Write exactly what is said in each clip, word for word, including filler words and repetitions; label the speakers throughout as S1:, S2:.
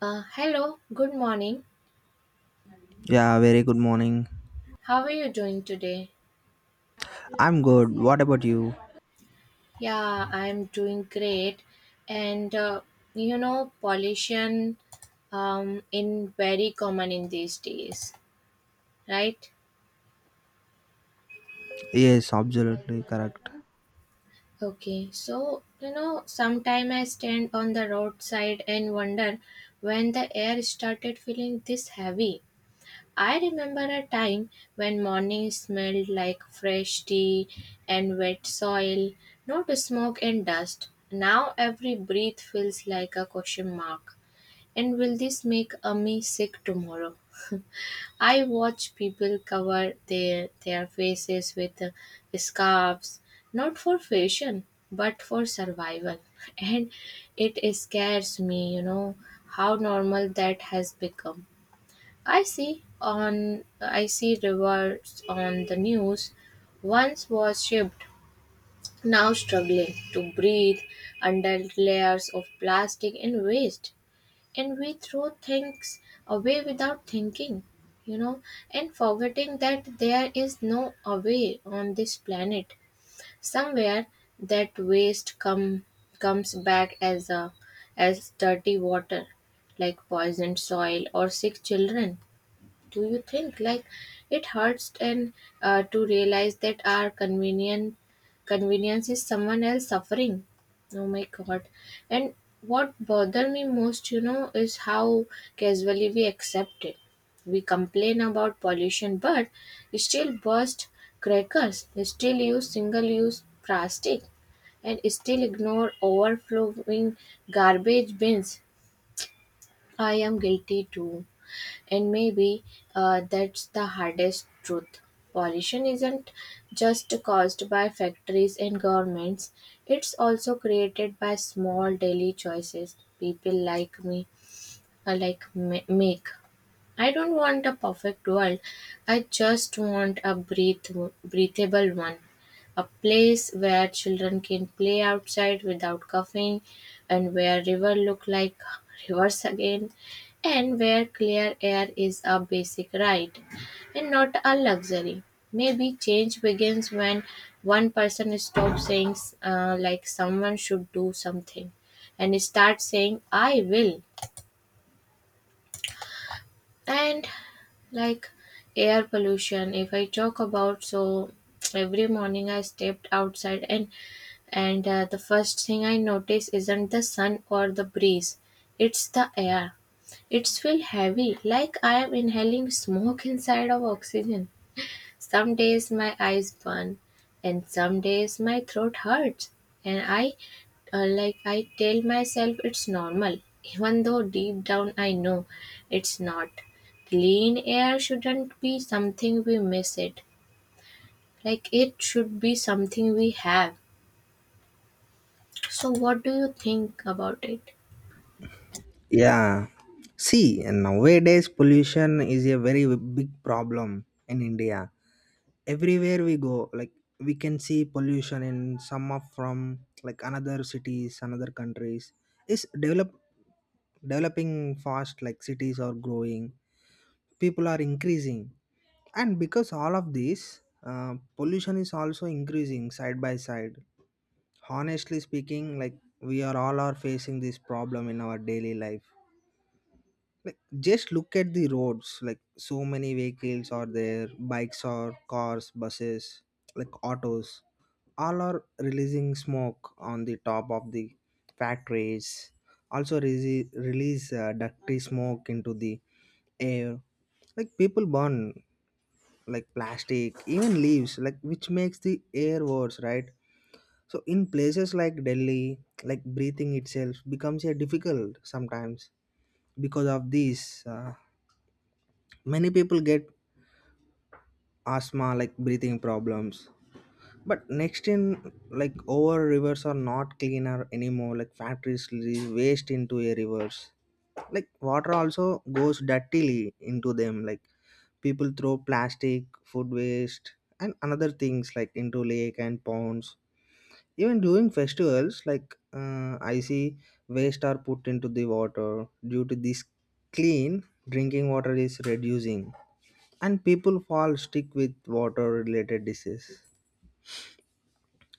S1: Uh, hello, good morning.
S2: Yeah, very good morning.
S1: How are you doing today?
S2: I'm good. What about you?
S1: Yeah, I'm doing great. And uh, you know, pollution um in very common in these days, right?
S2: Yes, absolutely correct.
S1: Okay, so you know, sometime I stand on the roadside and wonder when the air started feeling this heavy. I remember a time when morning smelled like fresh tea and wet soil, not smoke and dust. Now every breath feels like a question mark. And will this make Ami sick tomorrow? I watch people cover their their faces with uh, scarves, not for fashion but for survival, and it scares me. You know how normal that has become. I see on I see rivers on the news once was shipped, now struggling to breathe under layers of plastic and waste. And we throw things away without thinking, you know and forgetting that there is no away on this planet. Somewhere that waste come comes back as a as dirty water, like poisoned soil or sick children. Do you think like it hurts? And uh, to realize that our convenient convenience is someone else suffering, oh my god. And what bothered me most, you know is how casually we accept it. We complain about pollution but still burst crackers, still use single use plastic, and still ignore overflowing garbage bins. I am guilty too. And maybe uh, that's the hardest truth. Pollution isn't just caused by factories and governments, it's also created by small daily choices people like me uh, like ma- make. I don't want a perfect world. I just want a breath- breathable one. A place where children can play outside without coughing, and where rivers look like rivers again, and where clear air is a basic right and not a luxury. Maybe change begins when one person stops saying, uh, like, someone should do something, and start saying, I will. And like air pollution, if I talk about, so every morning I stepped outside, and and uh, the first thing I notice isn't the sun or the breeze, it's the air. It's feel heavy, like I am inhaling smoke inside of oxygen. Some days my eyes burn and some days my throat hurts. And I uh, like I tell myself it's normal, even though deep down I know it's not. Clean air shouldn't be something we miss it. Like it should be something we have. So what do you think about it?
S2: Yeah. See, nowadays pollution is a very big problem in India. Everywhere we go, like we can see pollution in some of from like another cities, another countries. Is develop developing fast, like cities are growing, people are increasing, and because all of this, uh, pollution is also increasing side by side. Honestly speaking, like we are all are facing this problem in our daily life, like just look at the roads, like so many vehicles are there, bikes or cars, buses, like autos, all are releasing smoke on the top of the factories. Also release, release uh, dirty smoke into the air. Like people burn like plastic, even leaves, like which makes the air worse, right? So in places like Delhi, like breathing itself becomes a difficult sometimes because of this. Uh, many people get asthma, like breathing problems. But next in like over rivers are not cleaner anymore. Like factories release waste into a rivers. Like water also goes dirtily into them. Like people throw plastic, food waste, and another things like into lake and ponds. Even during festivals, like uh, I see waste are put into the water. Due to this, clean drinking water is reducing, and people fall sick with water related disease.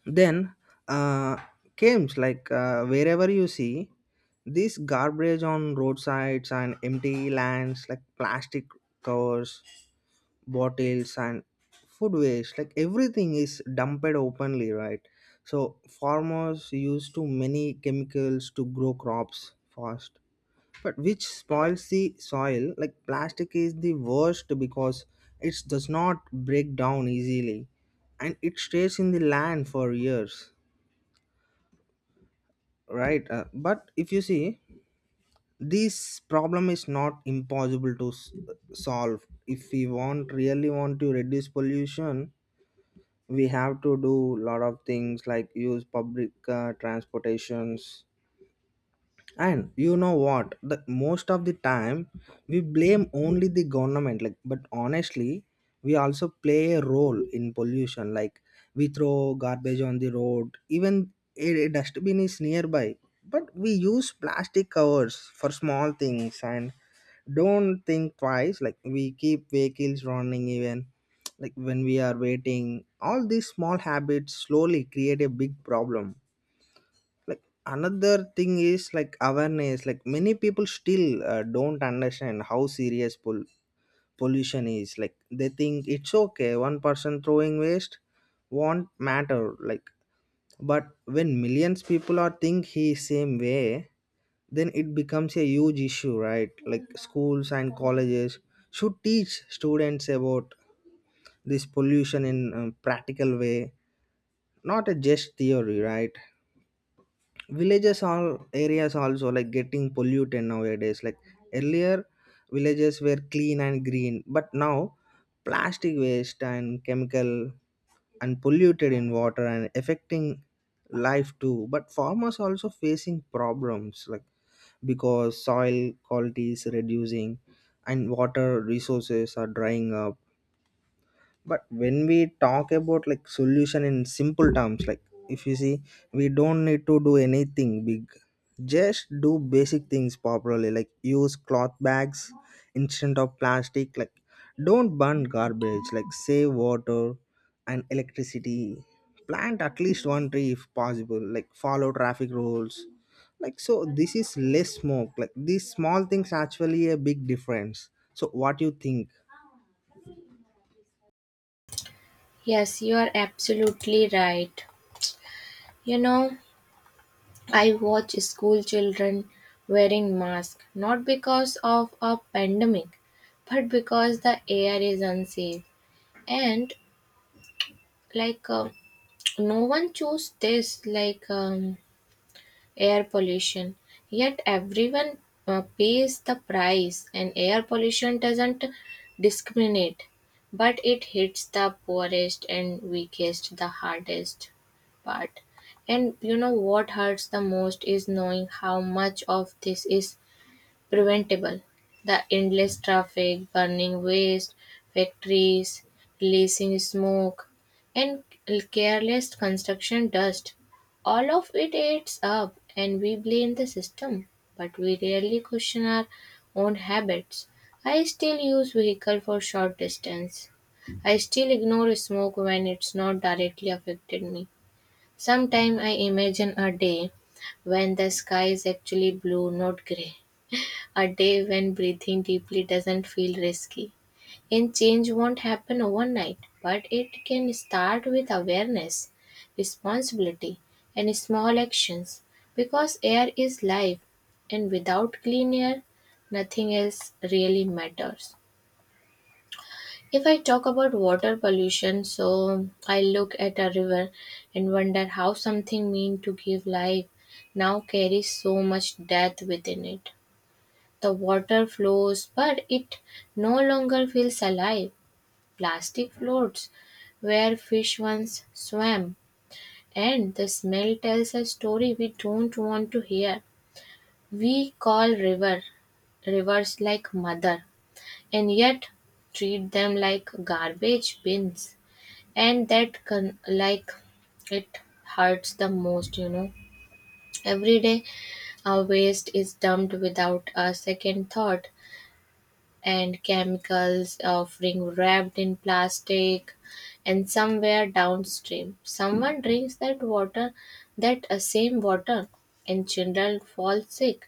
S2: Then uh, comes like uh, wherever you see this garbage on roadsides and empty lands, like plastic covers, bottles and food waste, like everything is dumped openly, right? So farmers use too many chemicals to grow crops fast, but which spoils the soil. Like plastic is the worst, because it does not break down easily and it stays in the land for years, right? Uh, but if you see, this problem is not impossible to s- solve. If we want really want to reduce pollution, we have to do lot of things, like use public uh, transportations. And you know what, the most of the time we blame only the government, like but honestly we also play a role in pollution. Like we throw garbage on the road even a, a dustbin is nearby, but we use plastic covers for small things and don't think twice. Like we keep vehicles running even like when we are waiting. All these small habits slowly create a big problem. Like another thing is like awareness. Like many people still uh, don't understand how serious pol- pollution is. Like they think it's okay, one person throwing waste won't matter, like but when millions people are think he same way, then it becomes a huge issue, right? Like schools and colleges should teach students about this pollution in a practical way, not a just theory, right? Villages all areas also like getting polluted nowadays. Like earlier villages were clean and green, but now plastic waste and chemical and polluted in water and affecting life too. But farmers also facing problems, like because soil quality is reducing and water resources are drying up. But when we talk about like solution in simple terms, like if you see, we don't need to do anything big, just do basic things properly, like use cloth bags instead of plastic, like don't burn garbage, like save water and electricity, plant at least one tree if possible, like follow traffic rules, like so this is less smoke. Like these small things actually a big difference. So what do you think?
S1: Yes, you are absolutely right. You know, I watch school children wearing masks not because of a pandemic, but because the air is unsafe. And like uh, no one chose this, like um, air pollution, yet everyone uh, pays the price, and air pollution doesn't discriminate, but it hits the poorest and weakest the hardest part. And you know what hurts the most is knowing how much of this is preventable. The endless traffic, burning waste, factories releasing smoke, and careless construction dust. All of it adds up, and we blame the system, but we rarely question our own habits. I still use vehicle for short distance. I still ignore smoke when it's not directly affected me. Sometimes I imagine a day when the sky is actually blue, not gray, a day when breathing deeply doesn't feel risky. And change won't happen overnight, but it can start with awareness, responsibility, and small actions, because air is life, and without clean air, nothing else really matters. If I talk about water pollution, so I look at a river and wonder how something meant to give life now carries so much death within it. The water flows, but it no longer feels alive. Plastic floats where fish once swam, and the smell tells a story we don't want to hear. We call river rivers like mother, and yet treat them like garbage bins, and that con- like it hurts the most. You know, every day our waste is dumped without a second thought, and chemicals offering wrapped in plastic, and somewhere downstream someone drinks that water, that uh, same water. And children fall sick,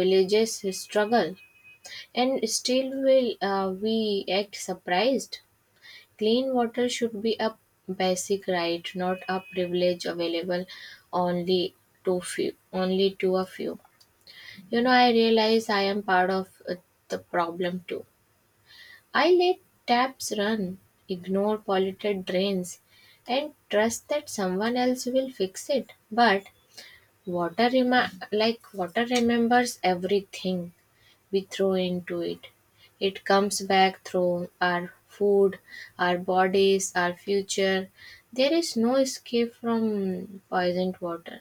S1: villages struggle, and still will uh, we act surprised. Clean water should be a basic right, not a privilege available only to few only to a few. You know, I realize I am part of uh, the problem too. I let taps run, ignore polluted drains, and trust that someone else will fix it. But water remi- like water remembers everything we throw into it. It comes back through our food, our bodies, our future. There is no escape from poisoned water.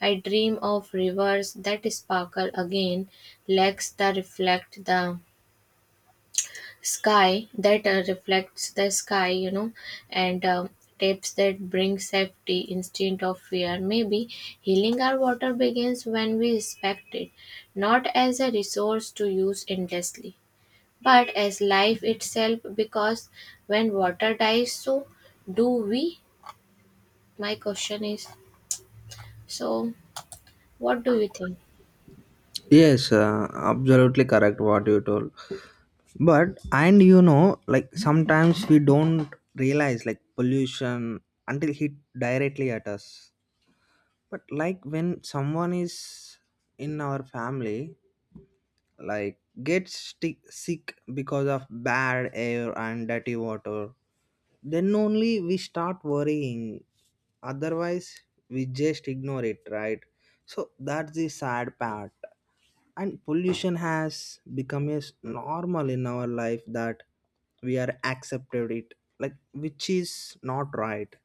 S1: I dream of rivers that sparkle again, lakes that reflect the sky that uh, reflects the sky, you know. And um, tapes that bring safety instead of fear. Maybe healing our water begins when we respect it, not as a resource to use endlessly but as life itself, because when water dies, so do we. My question is, so what do you think?
S2: Yes, uh, absolutely correct what you told. But and you know, like sometimes we don't realize like pollution until hit directly at us. But like when someone is in our family, like gets sti- sick because of bad air and dirty water, then only we start worrying. Otherwise, we just ignore it, right? So that's the sad part. And pollution has become as normal in our life that we are accepted it, like which is not right.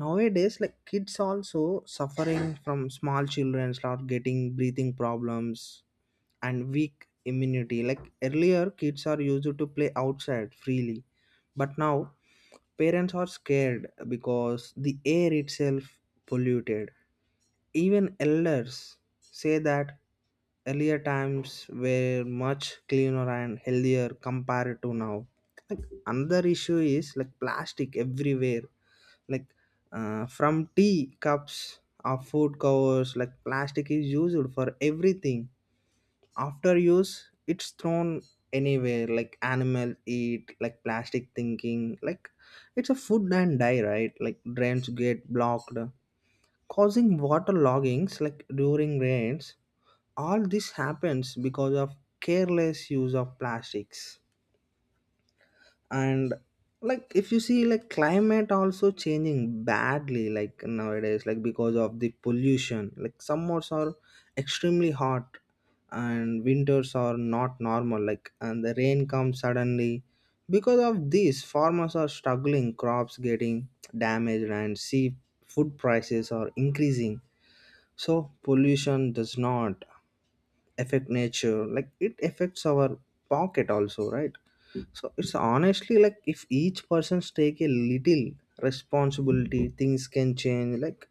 S2: Nowadays like kids also suffering from small children start getting breathing problems and weak immunity. Like earlier kids are used to play outside freely, but now parents are scared because the air itself polluted. Even elders say that earlier times were much cleaner and healthier compared to now. Another issue is like plastic everywhere, like uh, from tea cups or food covers, like plastic is used for everything. After use, it's thrown anywhere, like animal eat, like plastic thinking, like it's a food and die, right? Like drains get blocked causing water loggings like during rains. All this happens because of careless use of plastics. And like if you see like climate also changing badly. Like nowadays like because of the pollution, like summers are extremely hot and winters are not normal, like and the rain comes suddenly. Because of this, farmers are struggling, crops getting damaged, and sea food prices are increasing. So pollution does not affect nature, like it affects our pocket also, right? So it's honestly like if each person's take a little responsibility, things can change. Like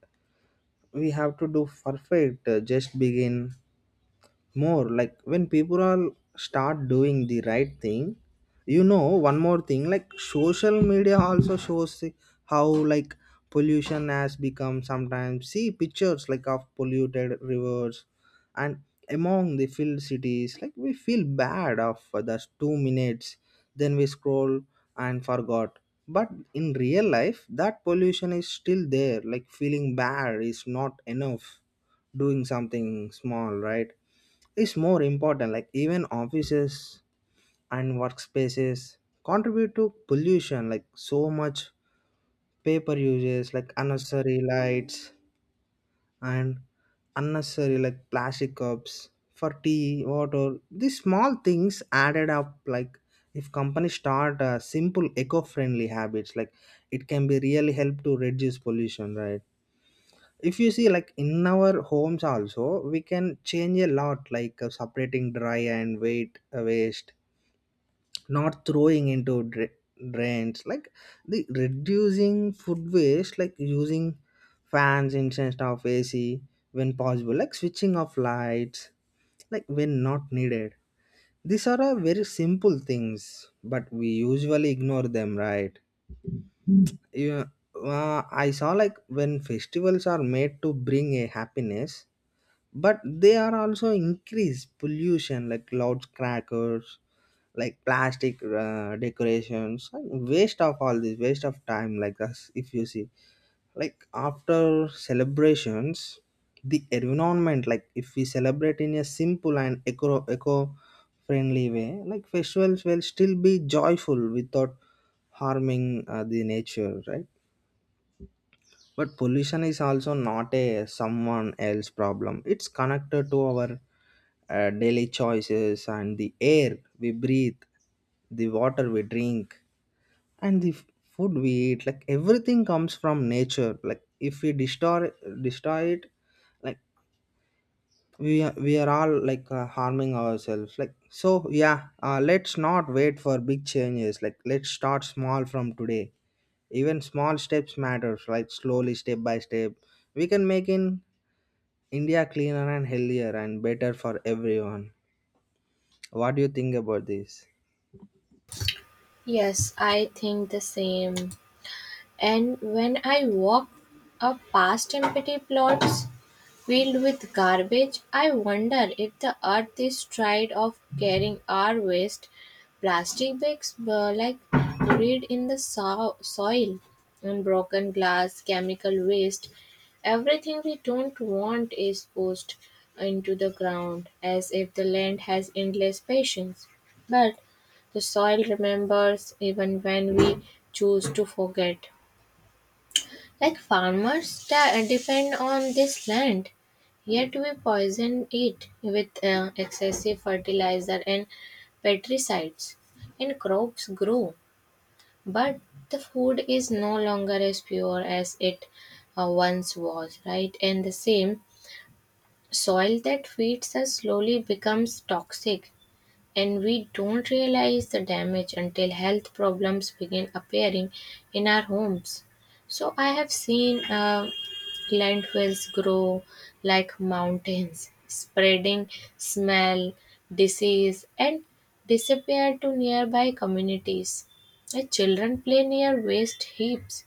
S2: we have to do perfect, uh, just begin more. Like when people are start doing the right thing. You know one more thing, like social media also shows the- how like pollution has become. Sometimes see pictures like of polluted rivers and among the filled cities, like we feel bad of those two minutes, then we scroll and forgot. But in real life that pollution is still there. Like feeling bad is not enough, doing something small, right, is more important. Like even offices and workspaces contribute to pollution, like so much paper uses, like unnecessary lights and unnecessary like plastic cups for tea water. These small things added up. Like if companies start uh, simple eco-friendly habits, like it can be really help to reduce pollution, right? If you see, like in our homes also we can change a lot, like uh, separating dry and weight uh, waste, not throwing into dra- drains. Like the reducing food waste, like using fans instead of ac when possible, like switching off lights like when not needed. These are uh, very simple things, but we usually ignore them, right? you, uh, I saw like when festivals are made to bring a happiness, but they are also increase pollution, like loudspeakers, like plastic uh, decorations and waste of all this waste of time like us. If you see like after celebrations the environment, like if we celebrate in a simple and eco eco friendly way, like festivals will still be joyful without harming uh, the nature, right? But pollution is also not a someone else problem, it's connected to our uh, daily choices and the air we breathe, the water we drink, and the f- food we eat. Like everything comes from nature. Like if we destroy destroy it, like we are, we are all like uh, harming ourselves. Like so yeah, uh, let's not wait for big changes. Like let's start small from today. Even small steps matters, like slowly step by step we can make in India cleaner and healthier and better for everyone. What do you think about this?
S1: Yes, I think the same. And when I walk up past empty plots filled with garbage, I wonder if the earth is tired of carrying our waste. Plastic bags uh, like buried in the so- soil, and broken glass, chemical waste. Everything we don't want is pushed into the ground as if the land has endless patience. But the soil remembers even when we choose to forget. Like farmers da- depend on this land, yet we poison it with uh, excessive fertilizer and pesticides, and crops grow, but the food is no longer as pure as it uh, once was, right? And the same soil that feeds us slowly becomes toxic, and we don't realize the damage until health problems begin appearing in our homes. So I have seen uh, lentils grow like mountains, spreading smell, disease, and disappear to nearby communities. The children play near waste heaps,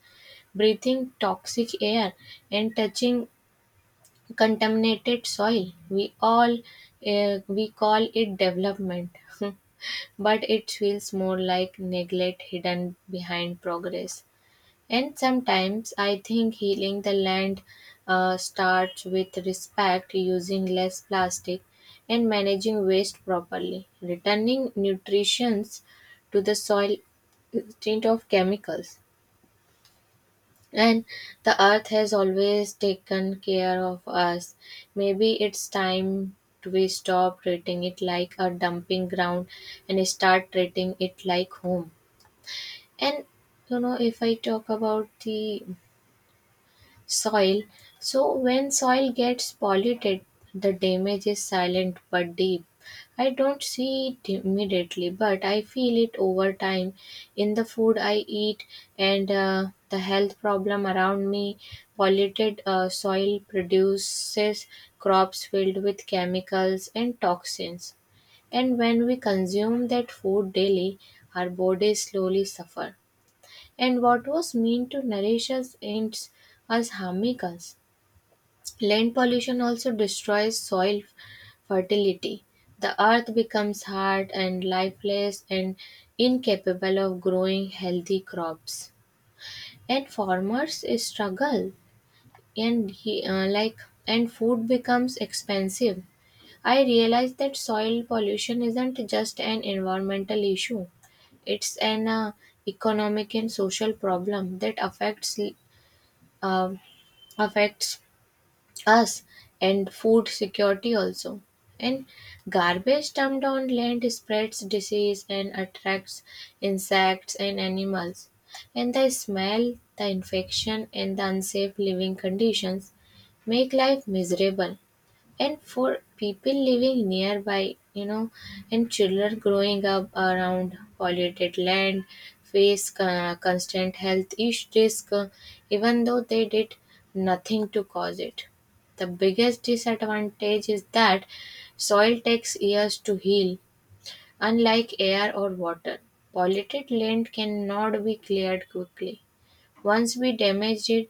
S1: breathing toxic air and touching contaminated soil. We all uh, we call it development. But it feels more like neglect hidden behind progress. And sometimes I think healing the land uh, starts with respect, using less plastic, and managing waste properly, returning nutrients to the soil instead of chemicals. And the earth has always taken care of us. Maybe it's time to we stop treating it like a dumping ground and start treating it like home. And you know, if I talk about the soil. So when soil gets polluted, the damage is silent but deep. I don't see it immediately, but I feel it over time in the food I eat and uh, the health problem around me. Polluted uh, soil produces crops filled with chemicals and toxins, and when we consume that food daily, our bodies slowly suffer. And what was meant to nourish us ends as harming us. Land pollution also destroys soil fertility. The earth becomes hard and lifeless and incapable of growing healthy crops. And farmers struggle, and he uh, like and food becomes expensive. I realized that soil pollution isn't just an environmental issue, it's an uh, economic and social problem that affects uh, affects us and food security also. And garbage dumped on land spreads disease and attracts insects and animals, and the smell, the infection, and the unsafe living conditions make life miserable and for people living nearby, you know. And children growing up around polluted land face uh, constant health ish- risk, uh, even though they did nothing to cause it. The biggest disadvantage is that soil takes years to heal, unlike air or water. Polluted land cannot be cleared quickly. Once we damage it,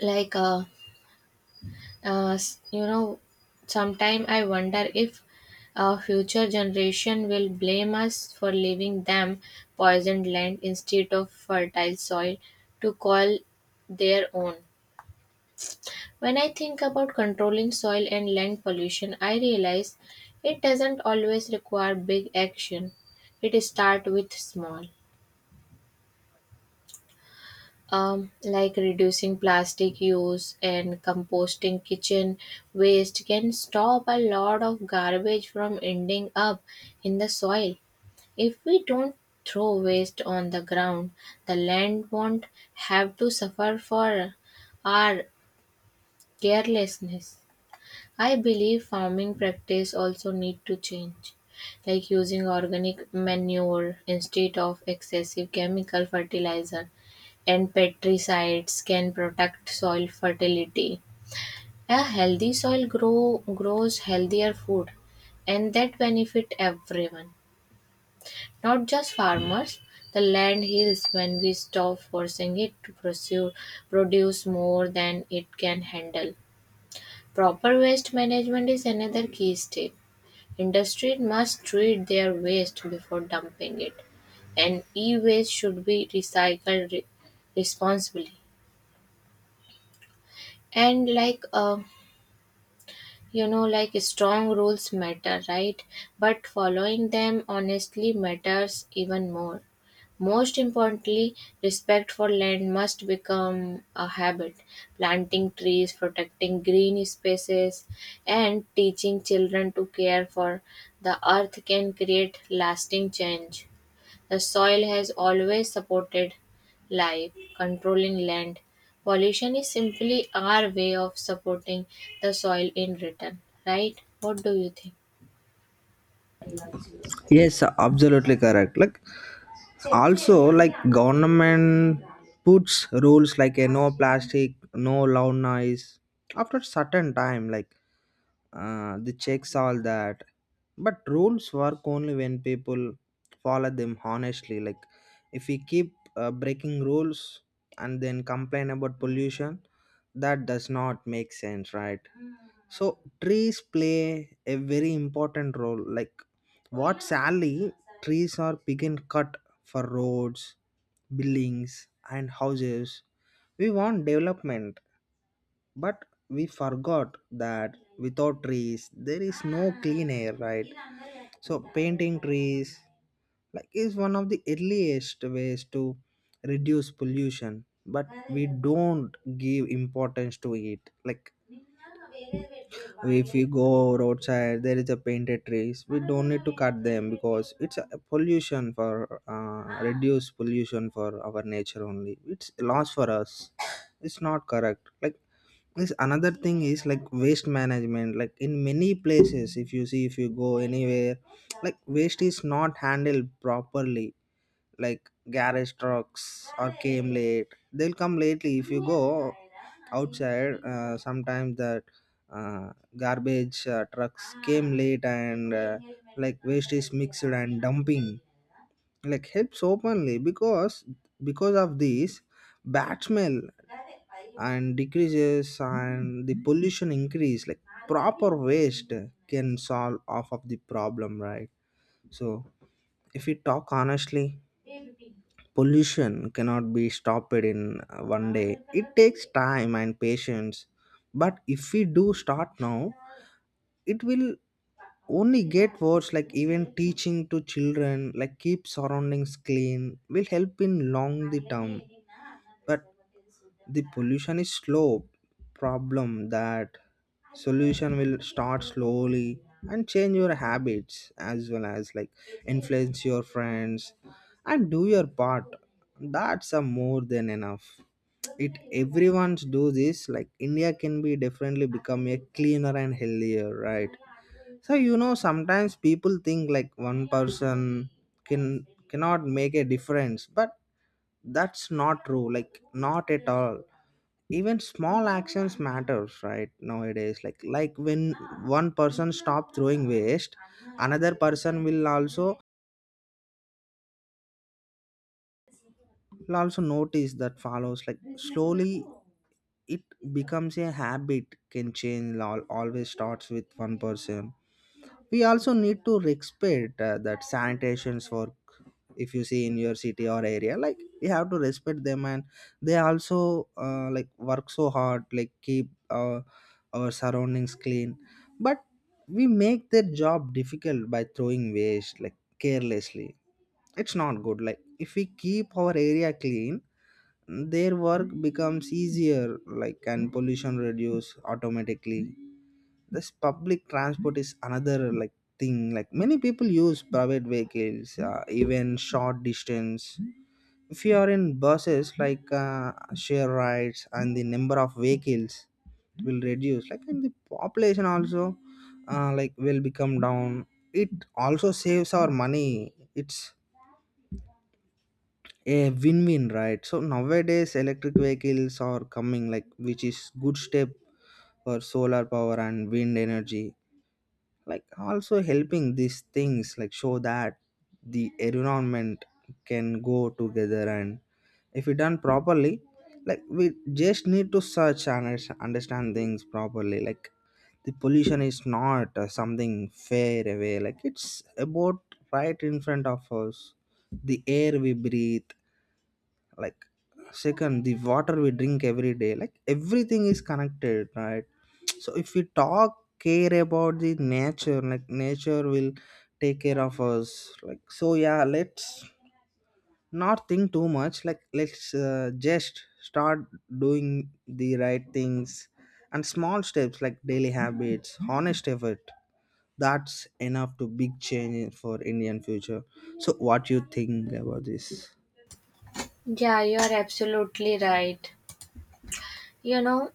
S1: like uh, Uh, s- you know, sometime I wonder if our future generation will blame us for leaving them poisoned land instead of fertile soil to call their own. When I think about controlling soil and land pollution, I realize it doesn't always require big action. It starts with small. Um, like reducing plastic use and composting kitchen waste can stop a lot of garbage from ending up in the soil. If we don't throw waste on the ground, the land won't have to suffer for our carelessness. I believe farming practice also need to change, like using organic manure instead of excessive chemical fertilizer and pesticides can protect soil fertility. A healthy soil grow, grows healthier food, and that benefit everyone, not just farmers. The land heals when we stop forcing it to pursue, produce more than it can handle. Proper waste management is another key step. Industry must treat their waste before dumping it, and e-waste should be recycled re- responsibly. And like uh, you know, like strong rules matter, right, but following them honestly matters even more. Most importantly, respect for land must become a habit. Planting trees, protecting green spaces, and teaching children to care for the earth can create lasting change. The soil has always supported life. Controlling land pollution is simply our way of supporting the soil in return, right? What do you think?
S2: Yes, absolutely correct. Like also like government puts rules like a no plastic, no loud noise. After certain time, like uh, the checks all that. But rules work only when people follow them honestly. Like if we keep uh, breaking rules and then complain about pollution, that does not make sense, right? So trees play a very important role. Like what sadly trees are being cut for roads, buildings and houses. We want development, but we forgot that without trees there is no clean air, right? So painting trees like is one of the earliest ways to reduce pollution, but we don't give importance to it. Like if we go roadside there is a painted trees, we don't need to cut them, because it's a pollution for uh, reduce pollution for our nature only. It's a loss for us. It's not correct. Like this another thing is like waste management, like in many places if you see if you go anywhere, like waste is not handled properly. Like garage trucks or came late, they'll come lately. If you go outside uh, sometimes that uh, garbage uh, trucks came late and uh, like waste is mixed and dumping like helps openly. Because because of this, bad smell and decreases and the pollution increase. Like proper waste can solve half of the problem, right? So if we talk honestly, pollution cannot be stopped in uh, one day. It takes time and patience, but if we do start now, it will only get worse. Like even teaching to children like keep surroundings clean will help in long the term. But the pollution is slow problem that solution will start slowly, and change your habits as well as like influence your friends and do your part. That's a more than enough. It everyone's do this, like India can be definitely become a cleaner and healthier, right? So you know sometimes people think like one person can cannot make a difference, but that's not true, like not at all. Even small actions matters, right? Nowadays like like when one person stop throwing waste, another person will also will also notice that follows. Like slowly it becomes a habit. Can change al- always starts with one person. We also need to respect uh, that sanitation's work. If you see in your city or area, like we have to respect them, and they also uh, like work so hard, like keep uh, our surroundings clean. But we make their job difficult by throwing waste like carelessly. It's not good. Like if we keep our area clean, their work becomes easier, like and pollution reduce automatically. This public transport is another like thing. Like many people use private vehicles uh, even short distance. If you are in buses, like uh, share rides, and the number of vehicles will reduce, like and the population also uh, like will become down. It also saves our money. It's a win-win, right? So nowadays electric vehicles are coming, like which is good step for solar power and wind energy, like also helping. These things like show that the environment can go together. And if we done properly, like we just need to search and us- understand things properly. Like the pollution is not uh, something far away. Like it's about right in front of us, the air we breathe, like second the water we drink every day, like everything is connected, right? So if we talk care about the nature, like nature will take care of us. Like so yeah, let's not think too much. Like let's uh, just start doing the right things. And small steps, like daily habits, honest effort, that's enough to big change for Indian future. So what you think about this?
S1: Yeah, you are absolutely right. You know,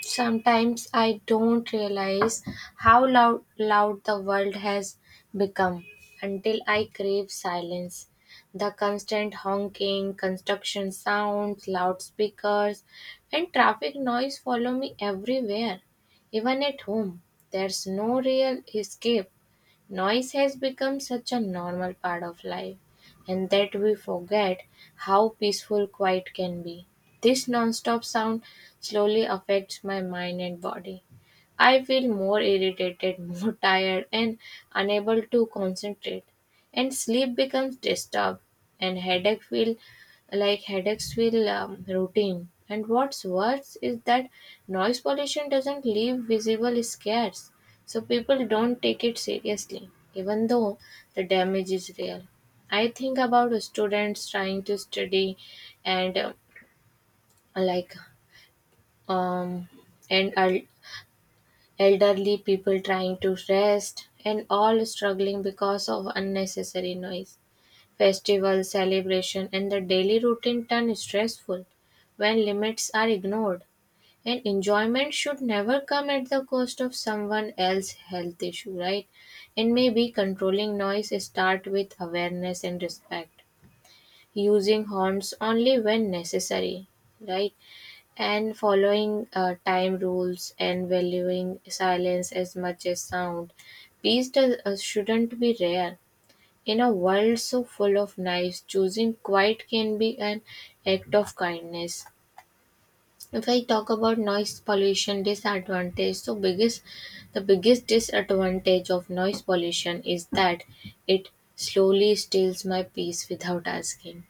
S1: sometimes I don't realize how loud, loud the world has become until I crave silence. The constant honking, construction sounds, loudspeakers, and traffic noise follow me everywhere, even at home. There's no real escape. Noise has become such a normal part of life, and that we forget how peaceful quiet can be. This non-stop sound slowly affects my mind and body. I feel more irritated, more tired, and unable to concentrate. And sleep becomes disturbed, and headache feel like headaches feel um, routine. And what's worse is that noise pollution doesn't leave visible scars. So people don't take it seriously, even though the damage is real. I think about students trying to study and uh, like um and el- elderly people trying to rest, and all struggling because of unnecessary noise. Festival celebration and the daily routine turn stressful when limits are ignored. And enjoyment should never come at the cost of someone else's health issue, right? And maybe controlling noise start with awareness and respect, using horns only when necessary, right, and following uh, time rules, and valuing silence as much as sound. Peace does, uh, shouldn't be rare. In a world so full of noise, choosing quiet can be an act of kindness. If I talk about noise pollution disadvantage, so biggest the biggest disadvantage of noise pollution is that it slowly steals my peace without asking.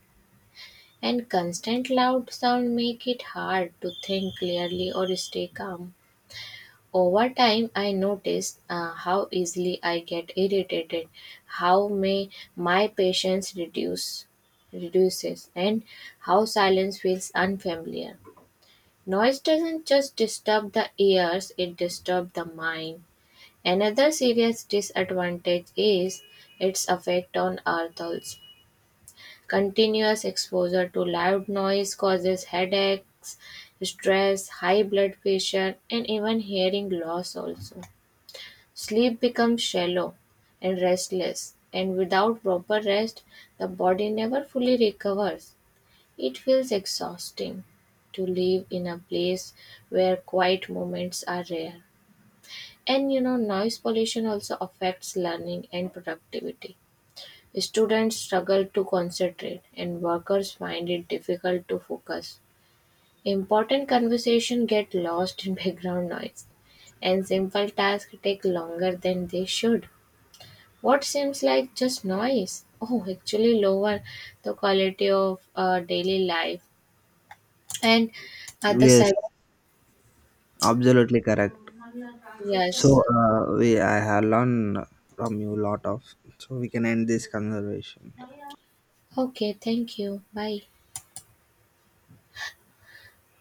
S1: And constant loud sound make it hard to think clearly or stay calm. Over time, I noticed uh, how easily I get irritated, how may my patience reduce reduces, and how silence feels unfamiliar. Noise doesn't just disturb the ears, it disturbs the mind. Another serious disadvantage is its effect on our health. Continuous exposure to loud noise causes headaches, stress, high blood pressure, and even hearing loss also. Sleep becomes shallow and restless, and without proper rest, the body never fully recovers. It feels exhausting to live in a place where quiet moments are rare. And you know, noise pollution also affects learning and productivity. Students struggle to concentrate and workers find it difficult to focus. Important conversations get lost in background noise, and simple tasks take longer than they should. What seems like just noise, oh, actually lower the quality of uh, daily life. And at the
S2: Yes,
S1: cyber,
S2: absolutely correct.
S1: yes.
S2: So uh, we I have learned from you a lot of. So we can end this conversation.
S1: Okay, thank you. Bye.